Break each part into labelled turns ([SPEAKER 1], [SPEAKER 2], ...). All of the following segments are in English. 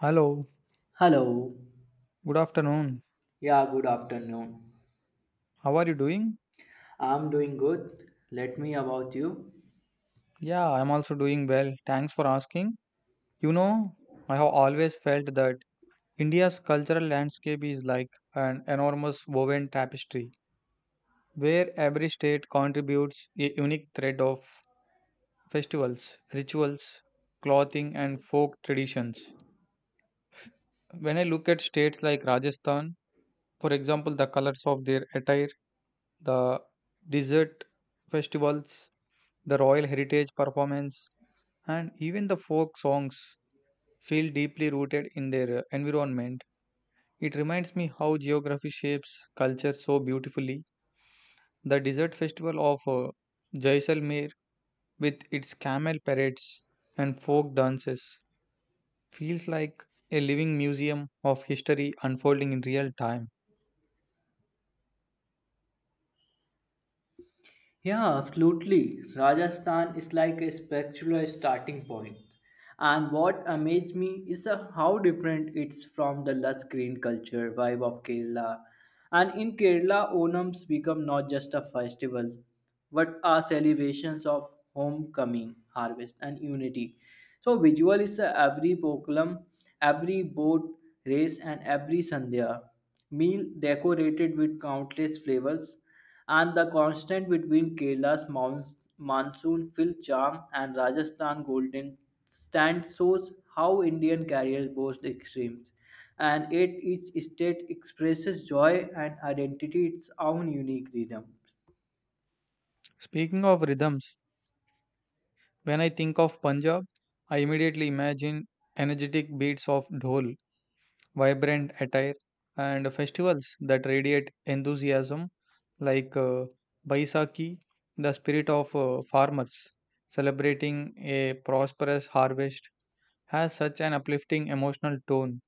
[SPEAKER 1] Hello,
[SPEAKER 2] Hello.
[SPEAKER 1] good afternoon.
[SPEAKER 2] Yeah, good afternoon.
[SPEAKER 1] How are you doing?
[SPEAKER 2] I'm doing good. Let me about you.
[SPEAKER 1] Yeah, I'm also doing well. Thanks for asking. You know, I have always felt that India's cultural landscape is like an enormous woven tapestry where every state contributes a unique thread of festivals, rituals, clothing, and folk traditions. When I look at states like Rajasthan, for example, the colors of their attire, the desert festivals, the royal heritage performance, and even the folk songs feel deeply rooted in their environment. It reminds me how geography shapes culture so beautifully. The desert festival of Jaisalmer, with its camel parades and folk dances, feels like a living museum of history unfolding in real time.
[SPEAKER 2] Yeah, absolutely. Rajasthan is like a spectacular starting point. And what amazed me is how different it's from the lush green culture vibe of Kerala. And in Kerala, Onams become not just a festival, but are celebrations of homecoming, harvest, and unity. So visual is every pokulam, every boat race, and every sandhya meal decorated with countless flavors and the contrast between Kerala's monsoon-filled charm and Rajasthan golden stand shows how Indian carriers boast extremes, and yet each state expresses joy and identity its own unique rhythm.
[SPEAKER 1] Speaking of rhythms, when I think of Punjab, I immediately imagine energetic beats of dhol vibrant attire, and festivals that radiate enthusiasm, like Baisakhi. The spirit of farmers, celebrating a prosperous harvest, has such an uplifting emotional tone.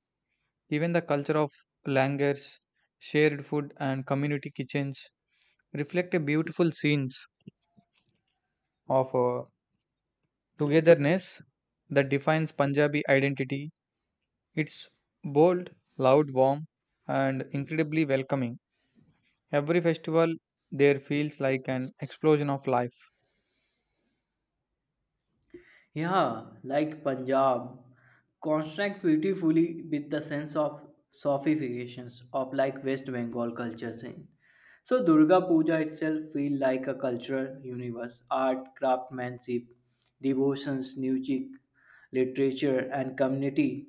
[SPEAKER 1] Even the culture of langars, shared food, and community kitchens reflect a beautiful scenes of togetherness that defines Punjabi identity. It's bold, loud, warm, and incredibly welcoming. Every festival there feels like an explosion of life.
[SPEAKER 2] Yeah, like Punjab, contrast beautifully with the sense of sophistications of like West Bengal culture scene. So Durga Puja itself feel like a cultural universe, art, craftsmanship, devotions, music, literature and community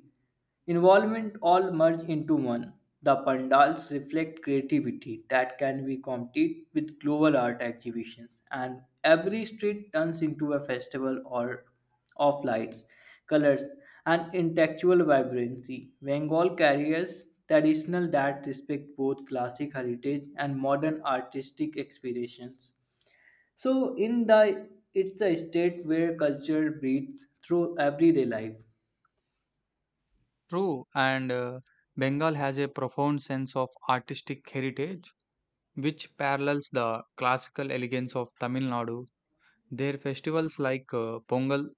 [SPEAKER 2] involvement all merge into one. The pandals reflect creativity that can be competed with global art exhibitions and every street turns into a festival or of lights, colors, and intellectual vibrancy. Bengal carries traditional that respect both classic heritage and modern artistic aspirations. So in the it's a state where culture breathes through everyday life.
[SPEAKER 1] True, and Bengal has a profound sense of artistic heritage, which parallels the classical elegance of Tamil Nadu. Their festivals like Pongal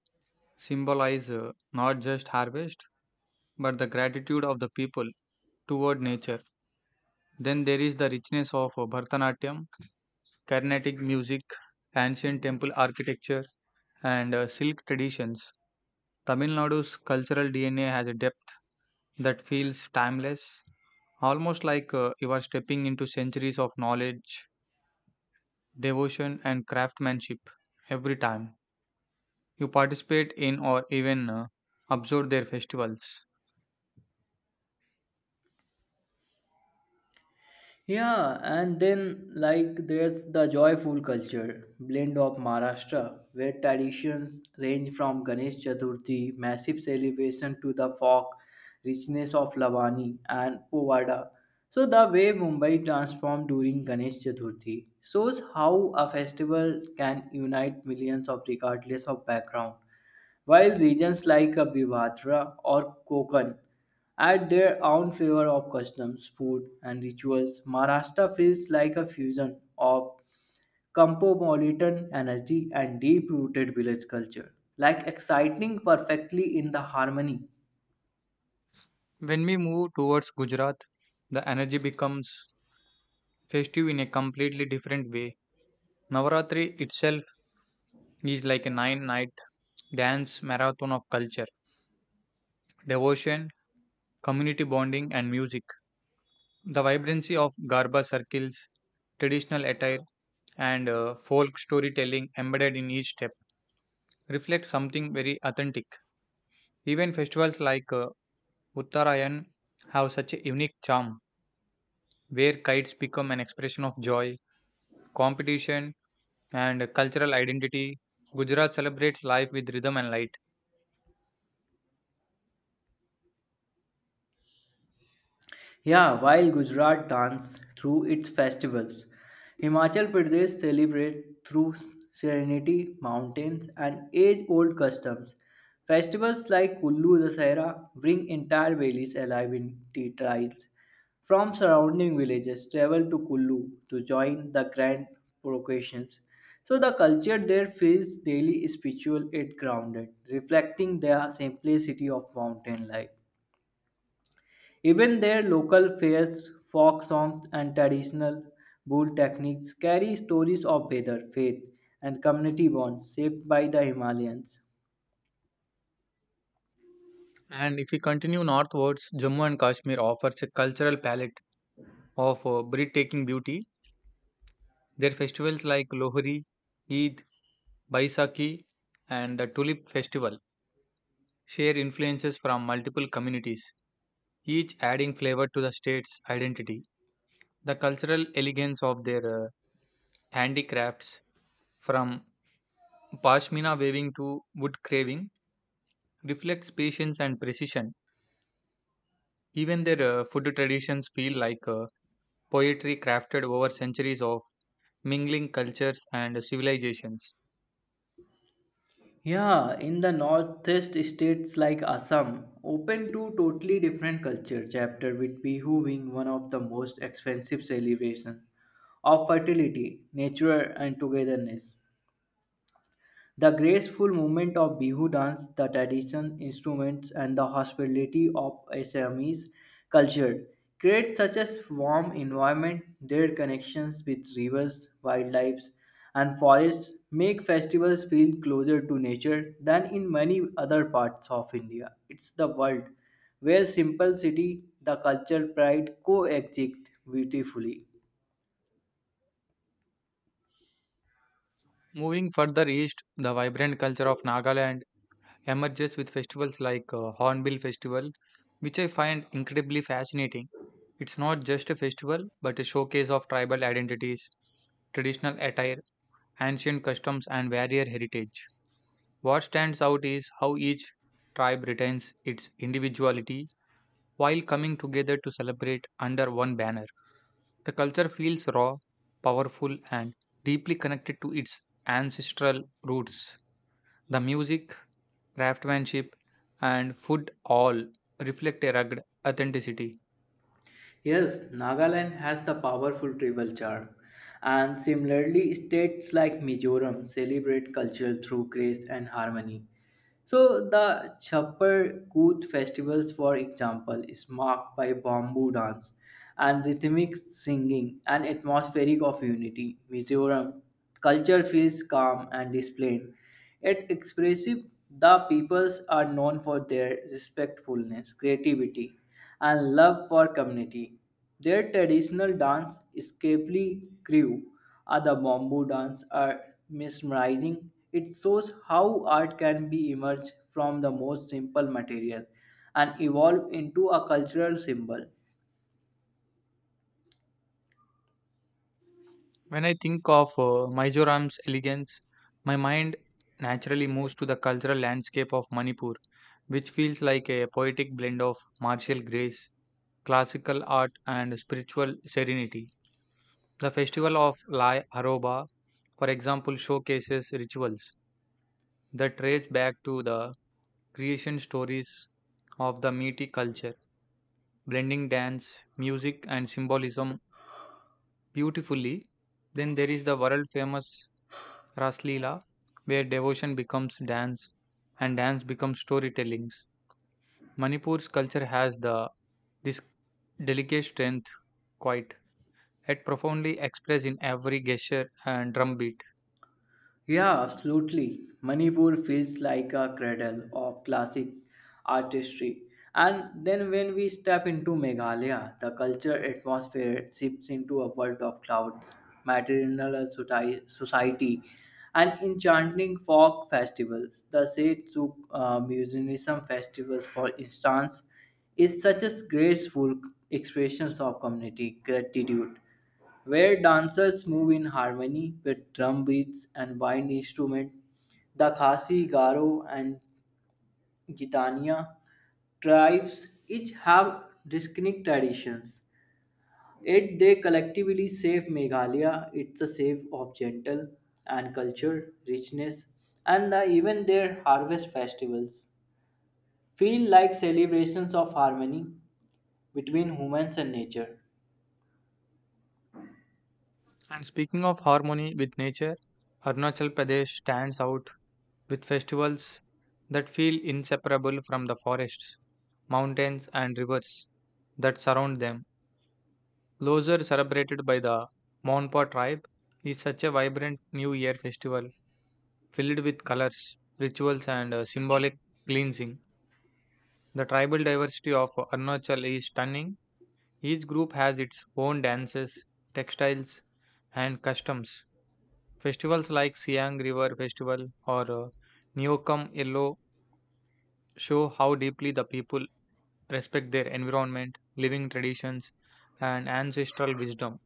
[SPEAKER 1] symbolize not just harvest, but the gratitude of the people toward nature. Then there is the richness of Bharatanatyam, Carnatic music, ancient temple architecture, and silk traditions. Tamil Nadu's cultural DNA has a depth that feels timeless, almost like you are stepping into centuries of knowledge, devotion, and craftsmanship every time you participate in or even observe their festivals.
[SPEAKER 2] Yeah, and then like there's the joyful culture blend of Maharashtra, where traditions range from Ganesh Chaturthi, massive celebration, to the folk richness of Lavani and Povada. So the way Mumbai transformed during Ganesh Chaturthi shows how a festival can unite millions of regardless of background while regions like Abhivatra or Konkan add their own flavor of customs, food, and rituals, Maharashtra feels like a fusion of cosmopolitan energy and deep-rooted village culture, like exciting perfectly in the harmony.
[SPEAKER 1] When we move towards Gujarat, the energy becomes festive in a completely different way. Navaratri itself is like a nine night dance marathon of culture, devotion, community bonding, and music. The vibrancy of Garba circles, traditional attire, and folk storytelling embedded in each step reflect something very authentic. Even festivals like Uttarayan have such a unique charm, where kites become an expression of joy, competition, and cultural identity. Gujarat celebrates life with rhythm and light.
[SPEAKER 2] Yeah, while Gujarat dance through its festivals, Himachal Pradesh celebrate through serenity, mountains, and age-old customs. Festivals like Kullu Dasahra bring entire valleys alive in tea trials. From surrounding villages, travel to Kullu to join the grand processions. So the culture there feels daily spiritual and grounded, reflecting the simplicity of mountain life. Even their local fairs, folk songs, and traditional bull techniques carry stories of weather, faith, and community bonds shaped by the Himalayans.
[SPEAKER 1] And if we continue northwards, Jammu and Kashmir offers a cultural palette of breathtaking beauty. Their festivals like Lohri, Eid, Baisakhi, and the Tulip Festival share influences from multiple communities, each adding flavor to the state's identity. The cultural elegance of their handicrafts, from pashmina weaving to wood carving, reflects patience and precision. Even their food traditions feel like poetry crafted over centuries of mingling cultures and civilizations.
[SPEAKER 2] Yeah, in the northeast states like Assam, open to totally different culture chapter with Bihu being one of the most expensive celebrations of fertility, nature and togetherness. The graceful movement of Bihu dance, the traditional instruments, and the hospitality of Assamese culture create such a warm environment. Their connections with rivers, wildlife, and forests make festivals feel closer to nature than in many other parts of India. It's the world where simplicity, the culture pride coexist beautifully.
[SPEAKER 1] Moving further east, the vibrant culture of Nagaland emerges with festivals like Hornbill Festival, which I find incredibly fascinating. It's not just a festival, but a showcase of tribal identities, traditional attire, ancient customs, and warrior heritage. What stands out is how each tribe retains its individuality while coming together to celebrate under one banner. The culture feels raw, powerful, and deeply connected to its ancestral roots. The music, craftsmanship, and food all reflect a rugged authenticity.
[SPEAKER 2] Yes, Nagaland has the powerful tribal charm, and similarly, states like Mizoram celebrate culture through grace and harmony. So, the Chappar Koot festivals, for example, is marked by bamboo dance and rhythmic singing and atmospheric of unity. Mizoram culture feels calm and displayed, yet expressive. The peoples are known for their respectfulness, creativity and love for community. Their traditional dance, Skepli Crew, or the Bamboo dance, are mesmerizing. It shows how art can be emerged from the most simple material and evolve into a cultural symbol.
[SPEAKER 1] When I think of Mizoram's elegance, my mind naturally moves to the cultural landscape of Manipur, which feels like a poetic blend of martial grace, classical art, and spiritual serenity. The festival of Lai Haroba, for example, showcases rituals that trace back to the creation stories of the Metis culture blending dance, music, and symbolism beautifully. Then there is the world famous Raslila, where devotion becomes dance and dance becomes storytellings. Manipur's culture has the this delicate strength, quite yet profoundly expressed in every gesture and drumbeat.
[SPEAKER 2] Yeah, absolutely. Manipur feels like a cradle of classic artistry. And then when we step into Meghalaya, the culture atmosphere shifts into a world of clouds, maternal society, and enchanting folk festivals. The Setsuk Musicianism Festivals, for instance, is such a graceful expression of community gratitude where dancers move in harmony with drum beats and wind instruments. The Khasi, Garo, and Gitania tribes each have distinct traditions. Yet they collectively save Meghalaya. It's a save of gentle and culture richness, and even their harvest festivals feel like celebrations of harmony between humans and nature.
[SPEAKER 1] And speaking of harmony with nature, Arunachal Pradesh stands out with festivals that feel inseparable from the forests, mountains, and rivers that surround them. Lozer, celebrated by the Monpa tribe, is such a vibrant New Year festival filled with colors, rituals, and symbolic cleansing. The tribal diversity of Arunachal is stunning. Each group has its own dances, textiles, and customs. Festivals like Siang River Festival or Neokum Yellow show how deeply the people respect their environment, living traditions, and ancestral wisdom.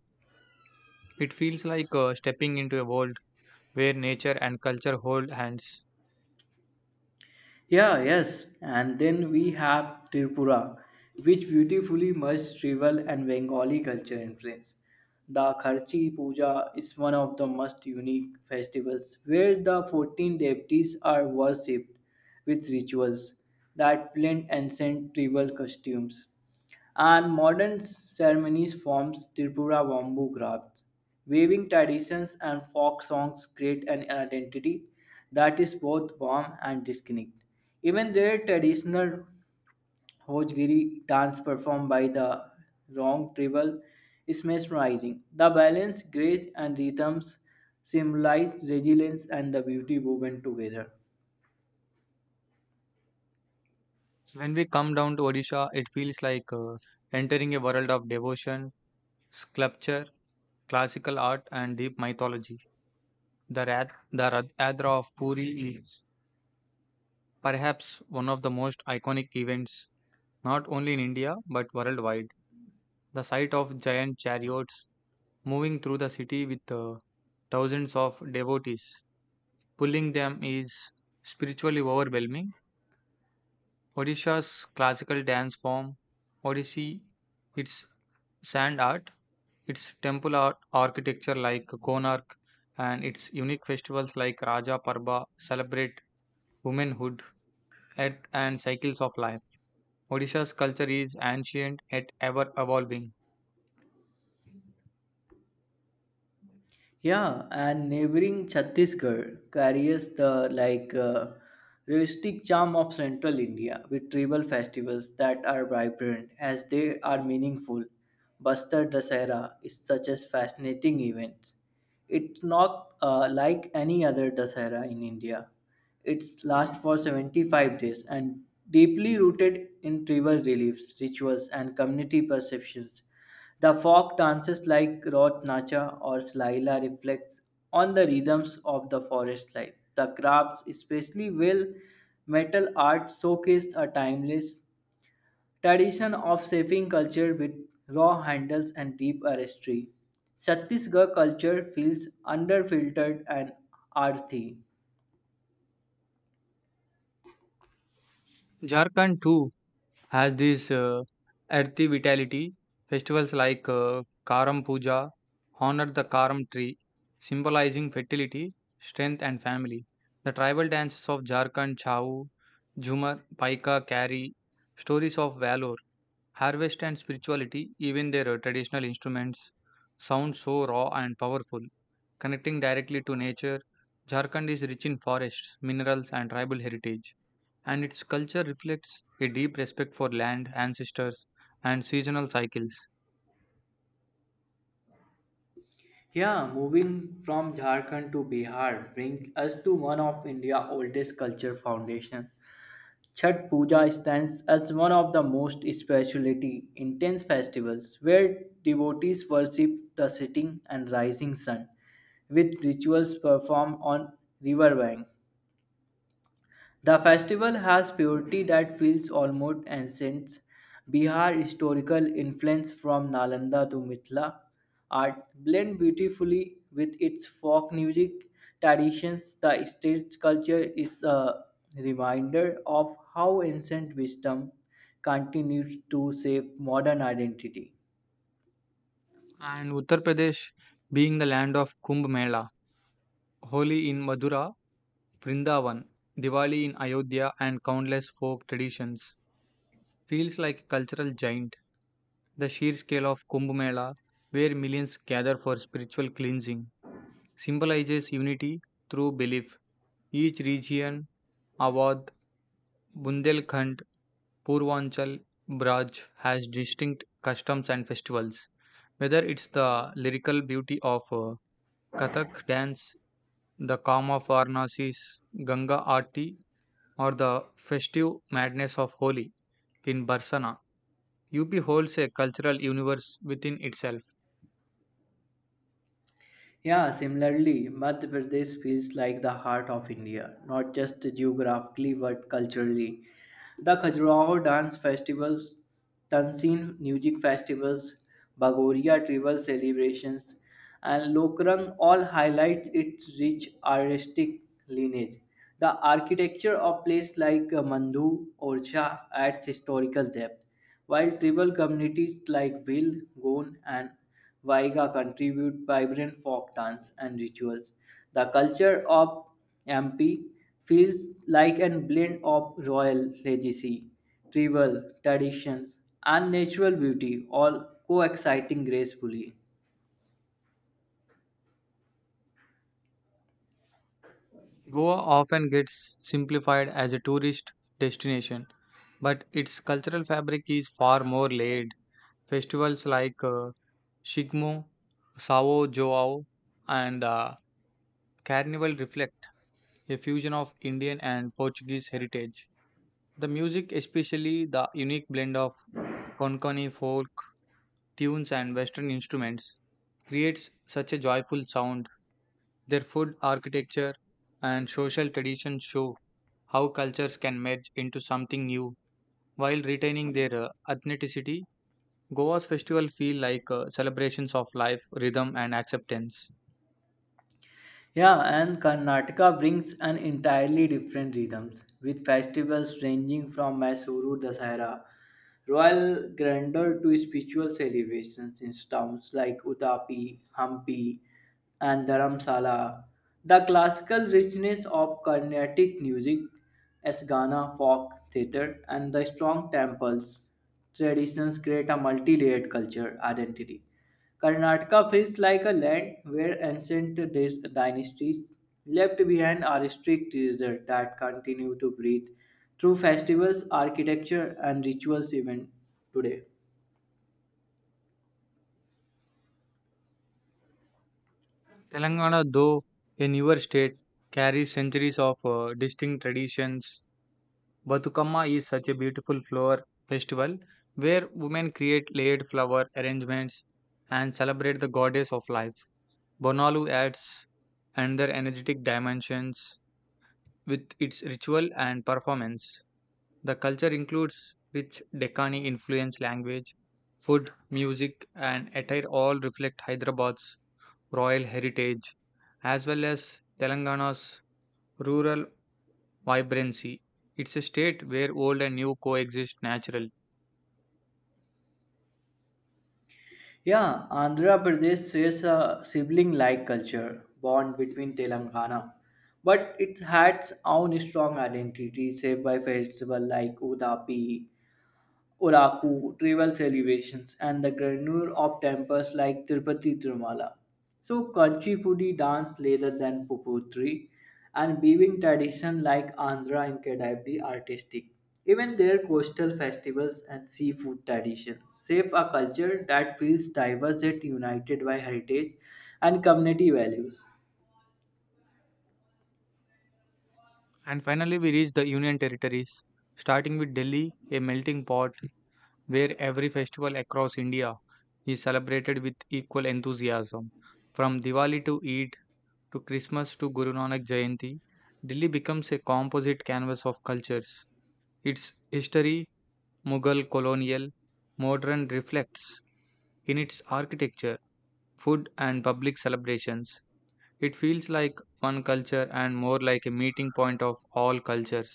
[SPEAKER 1] It feels like stepping into a world where nature and culture hold hands.
[SPEAKER 2] Yeah, yes. And then we have Tripura, which beautifully merged tribal and Bengali culture influence. The Kharchi Puja is one of the most unique festivals where the 14 deities are worshipped with rituals that blend ancient tribal costumes. And modern ceremonies forms Tripura bamboo crafts, weaving traditions and folk songs create an identity that is both warm and distinct. Even their traditional Hojgiri dance performed by the Rong tribal is mesmerizing. The balance, grace, and rhythms symbolize resilience and the beauty woven together.
[SPEAKER 1] When we come down to Odisha, it feels like entering a world of devotion, sculpture, classical art, and deep mythology. The Rath Yatra of Puri is perhaps one of the most iconic events, not only in India but worldwide. The sight of giant chariots moving through the city with thousands of devotees pulling them is spiritually overwhelming. Odisha's classical dance form, Odissi, its sand art, its temple art architecture like Konark, and its unique festivals like Raja Parba celebrate womanhood, earth, and cycles of life. Odisha's culture is ancient yet ever evolving.
[SPEAKER 2] Yeah, and neighboring Chhattisgarh carries the like rustic charm of central India with tribal festivals that are vibrant as they are meaningful. Bastar Dasara is such a fascinating event. It's not like any other Dasara in India. It's lasts for 75 days and deeply rooted in tribal beliefs, rituals, and community perceptions. The folk dances like Rod Nacha or Slaila reflects on the rhythms of the forest life. The crafts, especially well metal art, showcased a timeless tradition of shaping culture with raw handles and deep artistry. Chhattisgarh culture feels underfiltered and earthy.
[SPEAKER 1] Jharkhand too has this earthy vitality. Festivals like Karam Puja honor the Karam tree, symbolizing fertility, strength, and family. The tribal dances of Jharkhand, Chau, Jhumar, Paika carry stories of valor, harvest, and spirituality. Even their traditional instruments sound so raw and powerful connecting directly to nature. Jharkhand is rich in forests, minerals, and tribal heritage, and its culture reflects a deep respect for land, ancestors, and seasonal cycles.
[SPEAKER 2] Yeah, moving from Jharkhand to Bihar brings us to one of India's oldest culture foundations. Chhat Puja stands as one of the most spirituality intense festivals where devotees worship the setting and rising sun with rituals performed on river bank. The festival has purity that feels almost ancient. Bihar historical influence from Nalanda to Mithila art blend beautifully with its folk music traditions. The state's culture is a reminder of how ancient wisdom continues to shape modern identity.
[SPEAKER 1] And Uttar Pradesh, being the land of Kumbh Mela, Holi in Madura, Vrindavan, Diwali in Ayodhya, and countless folk traditions, feels like a cultural giant. The sheer scale of Kumbh Mela, where millions gather for spiritual cleansing, symbolizes unity through belief. Each region, Awadh, Bundelkhand, Purvanchal, Braj, has distinct customs and festivals. Whether it's the lyrical beauty of Kathak dance, the calm of Varnasi's Ganga Aarti, or the festive madness of Holi in Barsana, UP holds a cultural universe within itself.
[SPEAKER 2] Yeah, similarly, Madhya Pradesh feels like the heart of India, not just geographically but culturally. The Khajuraho dance festivals, Tansin music festivals, Bagoria tribal celebrations, and Lokrang all highlight its rich artistic lineage. The architecture of places like Mandhu, Orcha adds historical depth while tribal communities like Will, Goan, and Waiga contribute vibrant folk dance and rituals, the culture of MP feels like a blend of royal legacy, tribal traditions, and natural beauty, all coexisting gracefully.
[SPEAKER 1] Goa often gets simplified as a tourist destination, but its cultural fabric is far more layered. Festivals like Shigmo, Sao Joao, and Carnival reflect a fusion of Indian and Portuguese heritage. The music, especially the unique blend of Konkani folk tunes and Western instruments, creates such a joyful sound. Their food, architecture, and social traditions show how cultures can merge into something new while retaining their authenticity. Goa's festival feel like celebrations of life, rhythm, and acceptance.
[SPEAKER 2] Yeah, and Karnataka brings an entirely different rhythms with festivals ranging from Mysuru Dasara, royal grandeur to spiritual celebrations in towns like Udapi, Hampi, and Dharamsala. The classical richness of Carnatic music, as Gana folk theatre, and the strong temples traditions create a multi-layered culture identity. Karnataka feels like a land where ancient dynasties left behind are strict treasures that continue to breathe through festivals, architecture, and rituals even today.
[SPEAKER 1] Telangana, though a newer state, carries centuries of distinct traditions. Batukamma is such a beautiful flower festival where women create layered flower arrangements and celebrate the goddess of life. Bonalu adds another energetic dimensions with its ritual and performance. The culture includes rich Deccani influence language, food, music, and attire all reflect Hyderabad's royal heritage as well as Telangana's rural vibrancy. It's a state where old and new coexist naturally.
[SPEAKER 2] Yeah, Andhra Pradesh shares a sibling-like culture bond between Telangana, but it has its own strong identity shaped by festivals like Udapi, Oraku, tribal celebrations, and the grandeur of temples like Tirupati Tirumala. So, Kanchipudi dance rather than Puputri and weaving tradition like Andhra and Kedavadi artistic. Even their coastal festivals and seafood tradition shape a culture that feels diverse yet united by heritage and community values.
[SPEAKER 1] And finally, we reach the Union Territories, starting with Delhi, a melting pot where every festival across India is celebrated with equal enthusiasm. From Diwali to Eid, to Christmas to Guru Nanak Jayanti, Delhi becomes a composite canvas of cultures. Its history, Mughal, colonial, modern reflects in its architecture, food, and public celebrations. It feels like one culture and more like a meeting point of all cultures.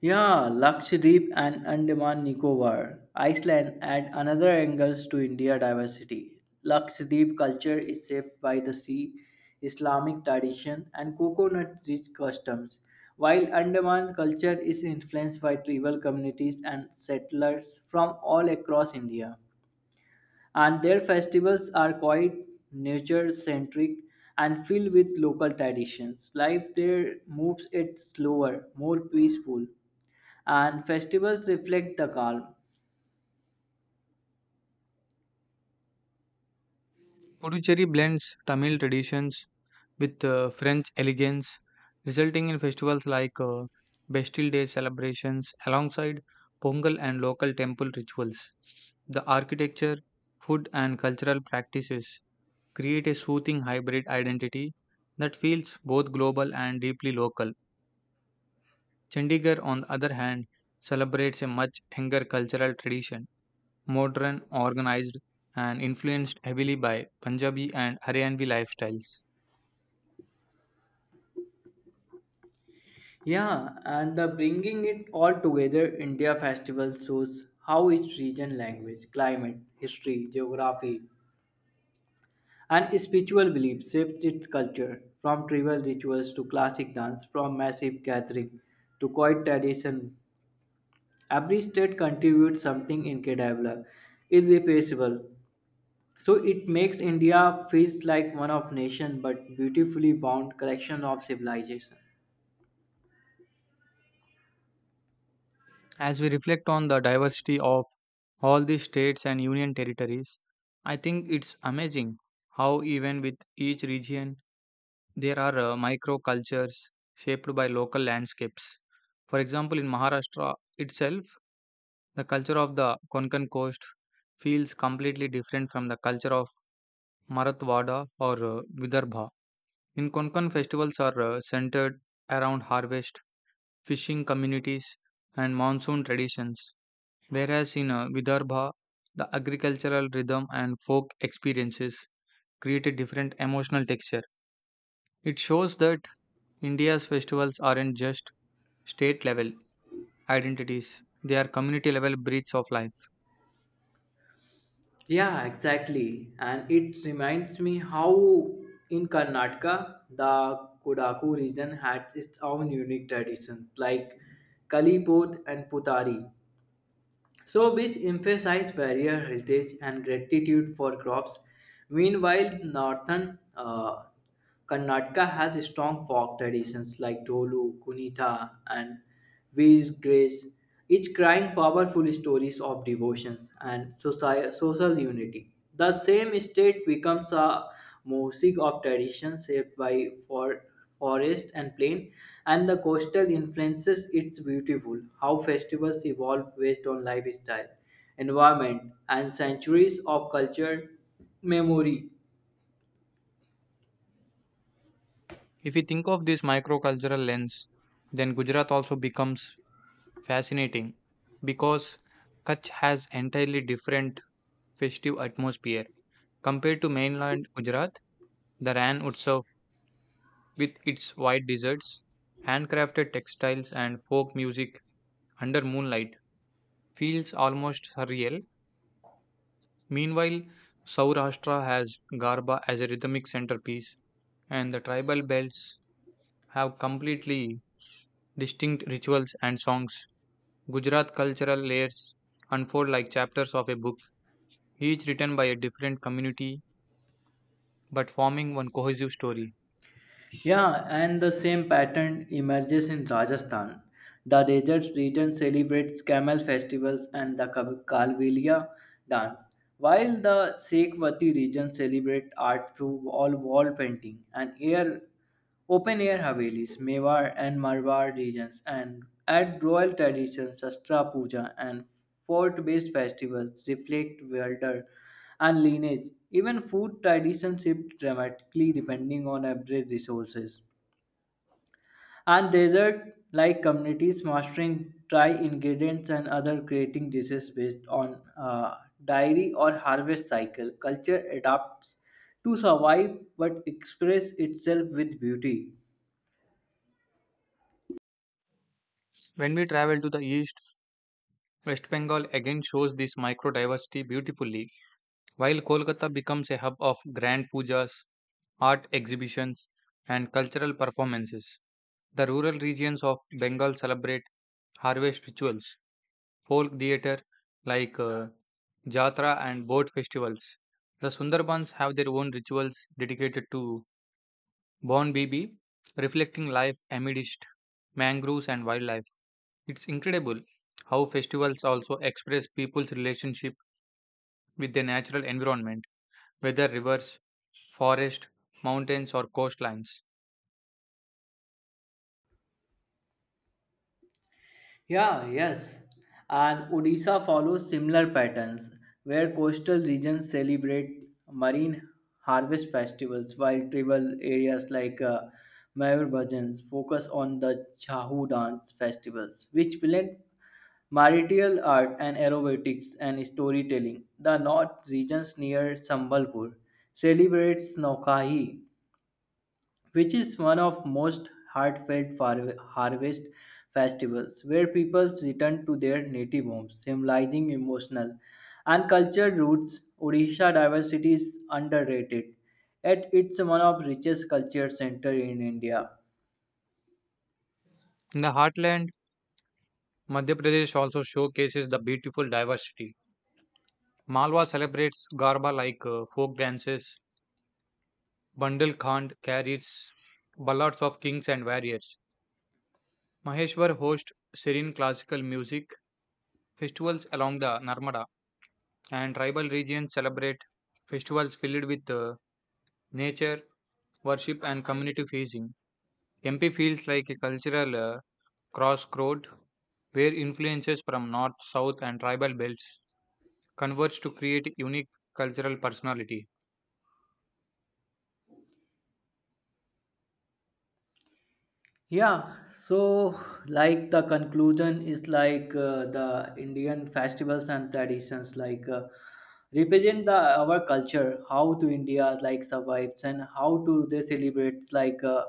[SPEAKER 2] Yeah, Lakshadweep and Andaman Nicobar Iceland add another angles to India diversity. Lakshadweep culture is shaped by the sea, Islamic tradition, and coconut-rich customs, while Andaman culture is influenced by tribal communities and settlers from all across India. And their festivals are quite nature-centric and filled with local traditions. Life there moves it slower, more peaceful and festivals reflect the calm.
[SPEAKER 1] Puducherry blends Tamil traditions with French elegance, resulting in festivals like Bastille Day celebrations alongside Pongal and local temple rituals. The architecture, food, and cultural practices create a soothing hybrid identity that feels both global and deeply local. Chandigarh, on the other hand, celebrates a much younger cultural tradition, modern, organized, and influenced heavily by Punjabi and Haryanvi lifestyles.
[SPEAKER 2] Yeah, and the bringing it all together, India Festival shows how its region, language, climate, history, geography, and spiritual beliefs shaped its culture, from tribal rituals to classic dance, from massive gathering to quiet tradition. Every state contributes something incredible, irreplaceable. So it makes India feels like one of nation, but beautifully bound collection of civilization.
[SPEAKER 1] As we reflect on the diversity of all these states and union territories, I think it's amazing how, even with each region, there are microcultures shaped by local landscapes. For example, in Maharashtra itself, the culture of the Konkan coast feels completely different from the culture of Marathwada or Vidarbha. In Konkan, festivals are centered around harvest, fishing communities, and monsoon traditions. Whereas in Vidarbha, the agricultural rhythm and folk experiences create a different emotional texture. It shows that India's festivals aren't just state level identities, they are community level breeds of life.
[SPEAKER 2] Yeah, exactly. And it reminds me how in Karnataka, the Kodaku region had its own unique traditions like Kalipod and Putari so which emphasize barrier heritage and gratitude for crops. Meanwhile, northern Karnataka has strong folk traditions like Dolu, Kunitha, and Veer Grace, each crying powerful stories of devotion and social unity. The same state becomes a mosaic of traditions shaped by forest and plain, and the coastal influences. It's beautiful how festivals evolve based on lifestyle, environment, and centuries of culture memory.
[SPEAKER 1] If we think of this microcultural lens, then Gujarat also becomes fascinating because Kutch has entirely different festive atmosphere. Compared to mainland Gujarat, the Ran Utsav with its white deserts, handcrafted textiles, and folk music under moonlight feels almost surreal. Meanwhile, Saurashtra has Garba as a rhythmic centerpiece, and the tribal belts have completely distinct rituals and songs. Gujarat cultural layers unfold like chapters of a book, each written by a different community but forming one cohesive story.
[SPEAKER 2] Yeah, and the same pattern emerges in Rajasthan. The desert region celebrates camel festivals and the Kalvelia dance, while the Sekhwati region celebrates art through all wall painting and air Open air Havelis, Mewar and Marwar regions and add royal traditions Shastra Puja and fort based festivals reflect welter and lineage. Even food traditions shift dramatically depending on average resources. And desert like communities mastering dry ingredients and other creating dishes based on dairy or harvest cycle. Culture adapts to survive but express itself with beauty.
[SPEAKER 1] When we travel to the east, West Bengal again shows this micro diversity beautifully. While Kolkata becomes a hub of grand pujas, art exhibitions, and cultural performances, the rural regions of Bengal celebrate harvest rituals, folk theatre like Jatra and boat festivals. The Sundarbans have their own rituals dedicated to Bon Bibi, reflecting life amidst mangroves and wildlife. It's incredible how festivals also express people's relationship with their natural environment, whether rivers, forests, mountains, or coastlines.
[SPEAKER 2] Yeah, yes. And Odisha follows similar patterns where coastal regions celebrate marine harvest festivals while tribal areas like Mayur Bhajans focus on the Chahu dance festivals, which blend marital art and aerobatics and storytelling. The north regions near Sambalpur celebrates Nokahi which is one of most heartfelt harvest festivals where people return to their native homes symbolizing emotional and cultural roots odisha diversity is underrated yet it's one of richest culture center in india.
[SPEAKER 1] In the heartland, Madhya Pradesh also showcases the beautiful diversity. Malwa celebrates Garba like folk dances, Bandal Khand carries ballads of kings and warriors. Maheshwar hosts serene classical music festivals along the Narmada, and tribal regions celebrate festivals filled with nature, worship, and community feasting. MP feels like a cultural crossroad where influences from north, south, and tribal belts converge to create unique cultural personality.
[SPEAKER 2] Yeah, so like the conclusion is like the Indian festivals and traditions like represent the our culture, how to India like survives and how to they celebrate like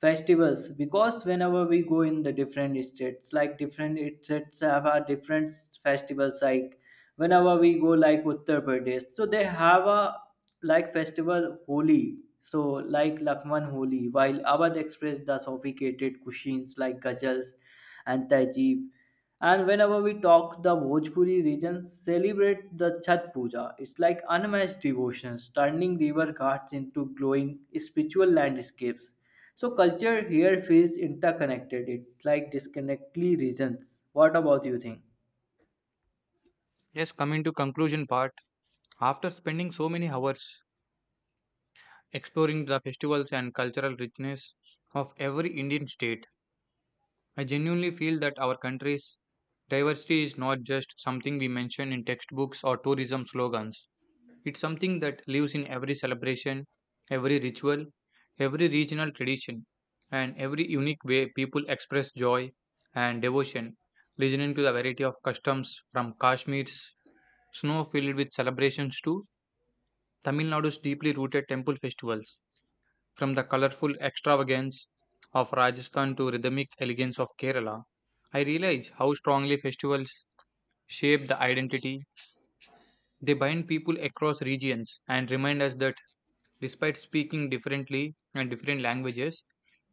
[SPEAKER 2] festivals. Because whenever we go in the different states, like different states have a different festivals like whenever we go like uttar pradesh so they have a like festival holi so like lakman holi while awadh express the sophisticated cuisines like gajals and tajib and whenever we talk the bhojpuri region celebrate the chhat puja it's like unmatched devotions turning river ghats into glowing spiritual landscapes so culture here feels interconnected it like disconnectly regions what about you think.
[SPEAKER 1] Yes, coming to conclusion part, after spending so many hours exploring the festivals and cultural richness of every Indian state, I genuinely feel that our country's diversity is not just something we mention in textbooks or tourism slogans. It's something that lives in every celebration, every ritual, every regional tradition, and every unique way people express joy and devotion, listening to the variety of customs from Kashmir's snow filled with celebrations to Tamil Nadu's deeply rooted temple festivals, from the colorful extravagance of Rajasthan to rhythmic elegance of Kerala. I realize how strongly festivals shape the identity. They bind people across regions and remind us that despite speaking differently and different languages,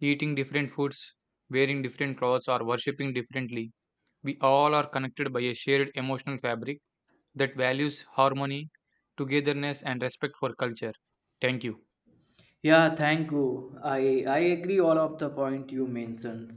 [SPEAKER 1] eating different foods, wearing different clothes, or worshipping differently, we all are connected by a shared emotional fabric that values harmony, togetherness, and respect for culture. Thank you.
[SPEAKER 2] Yeah, thank you. I agree all of the point you mentioned.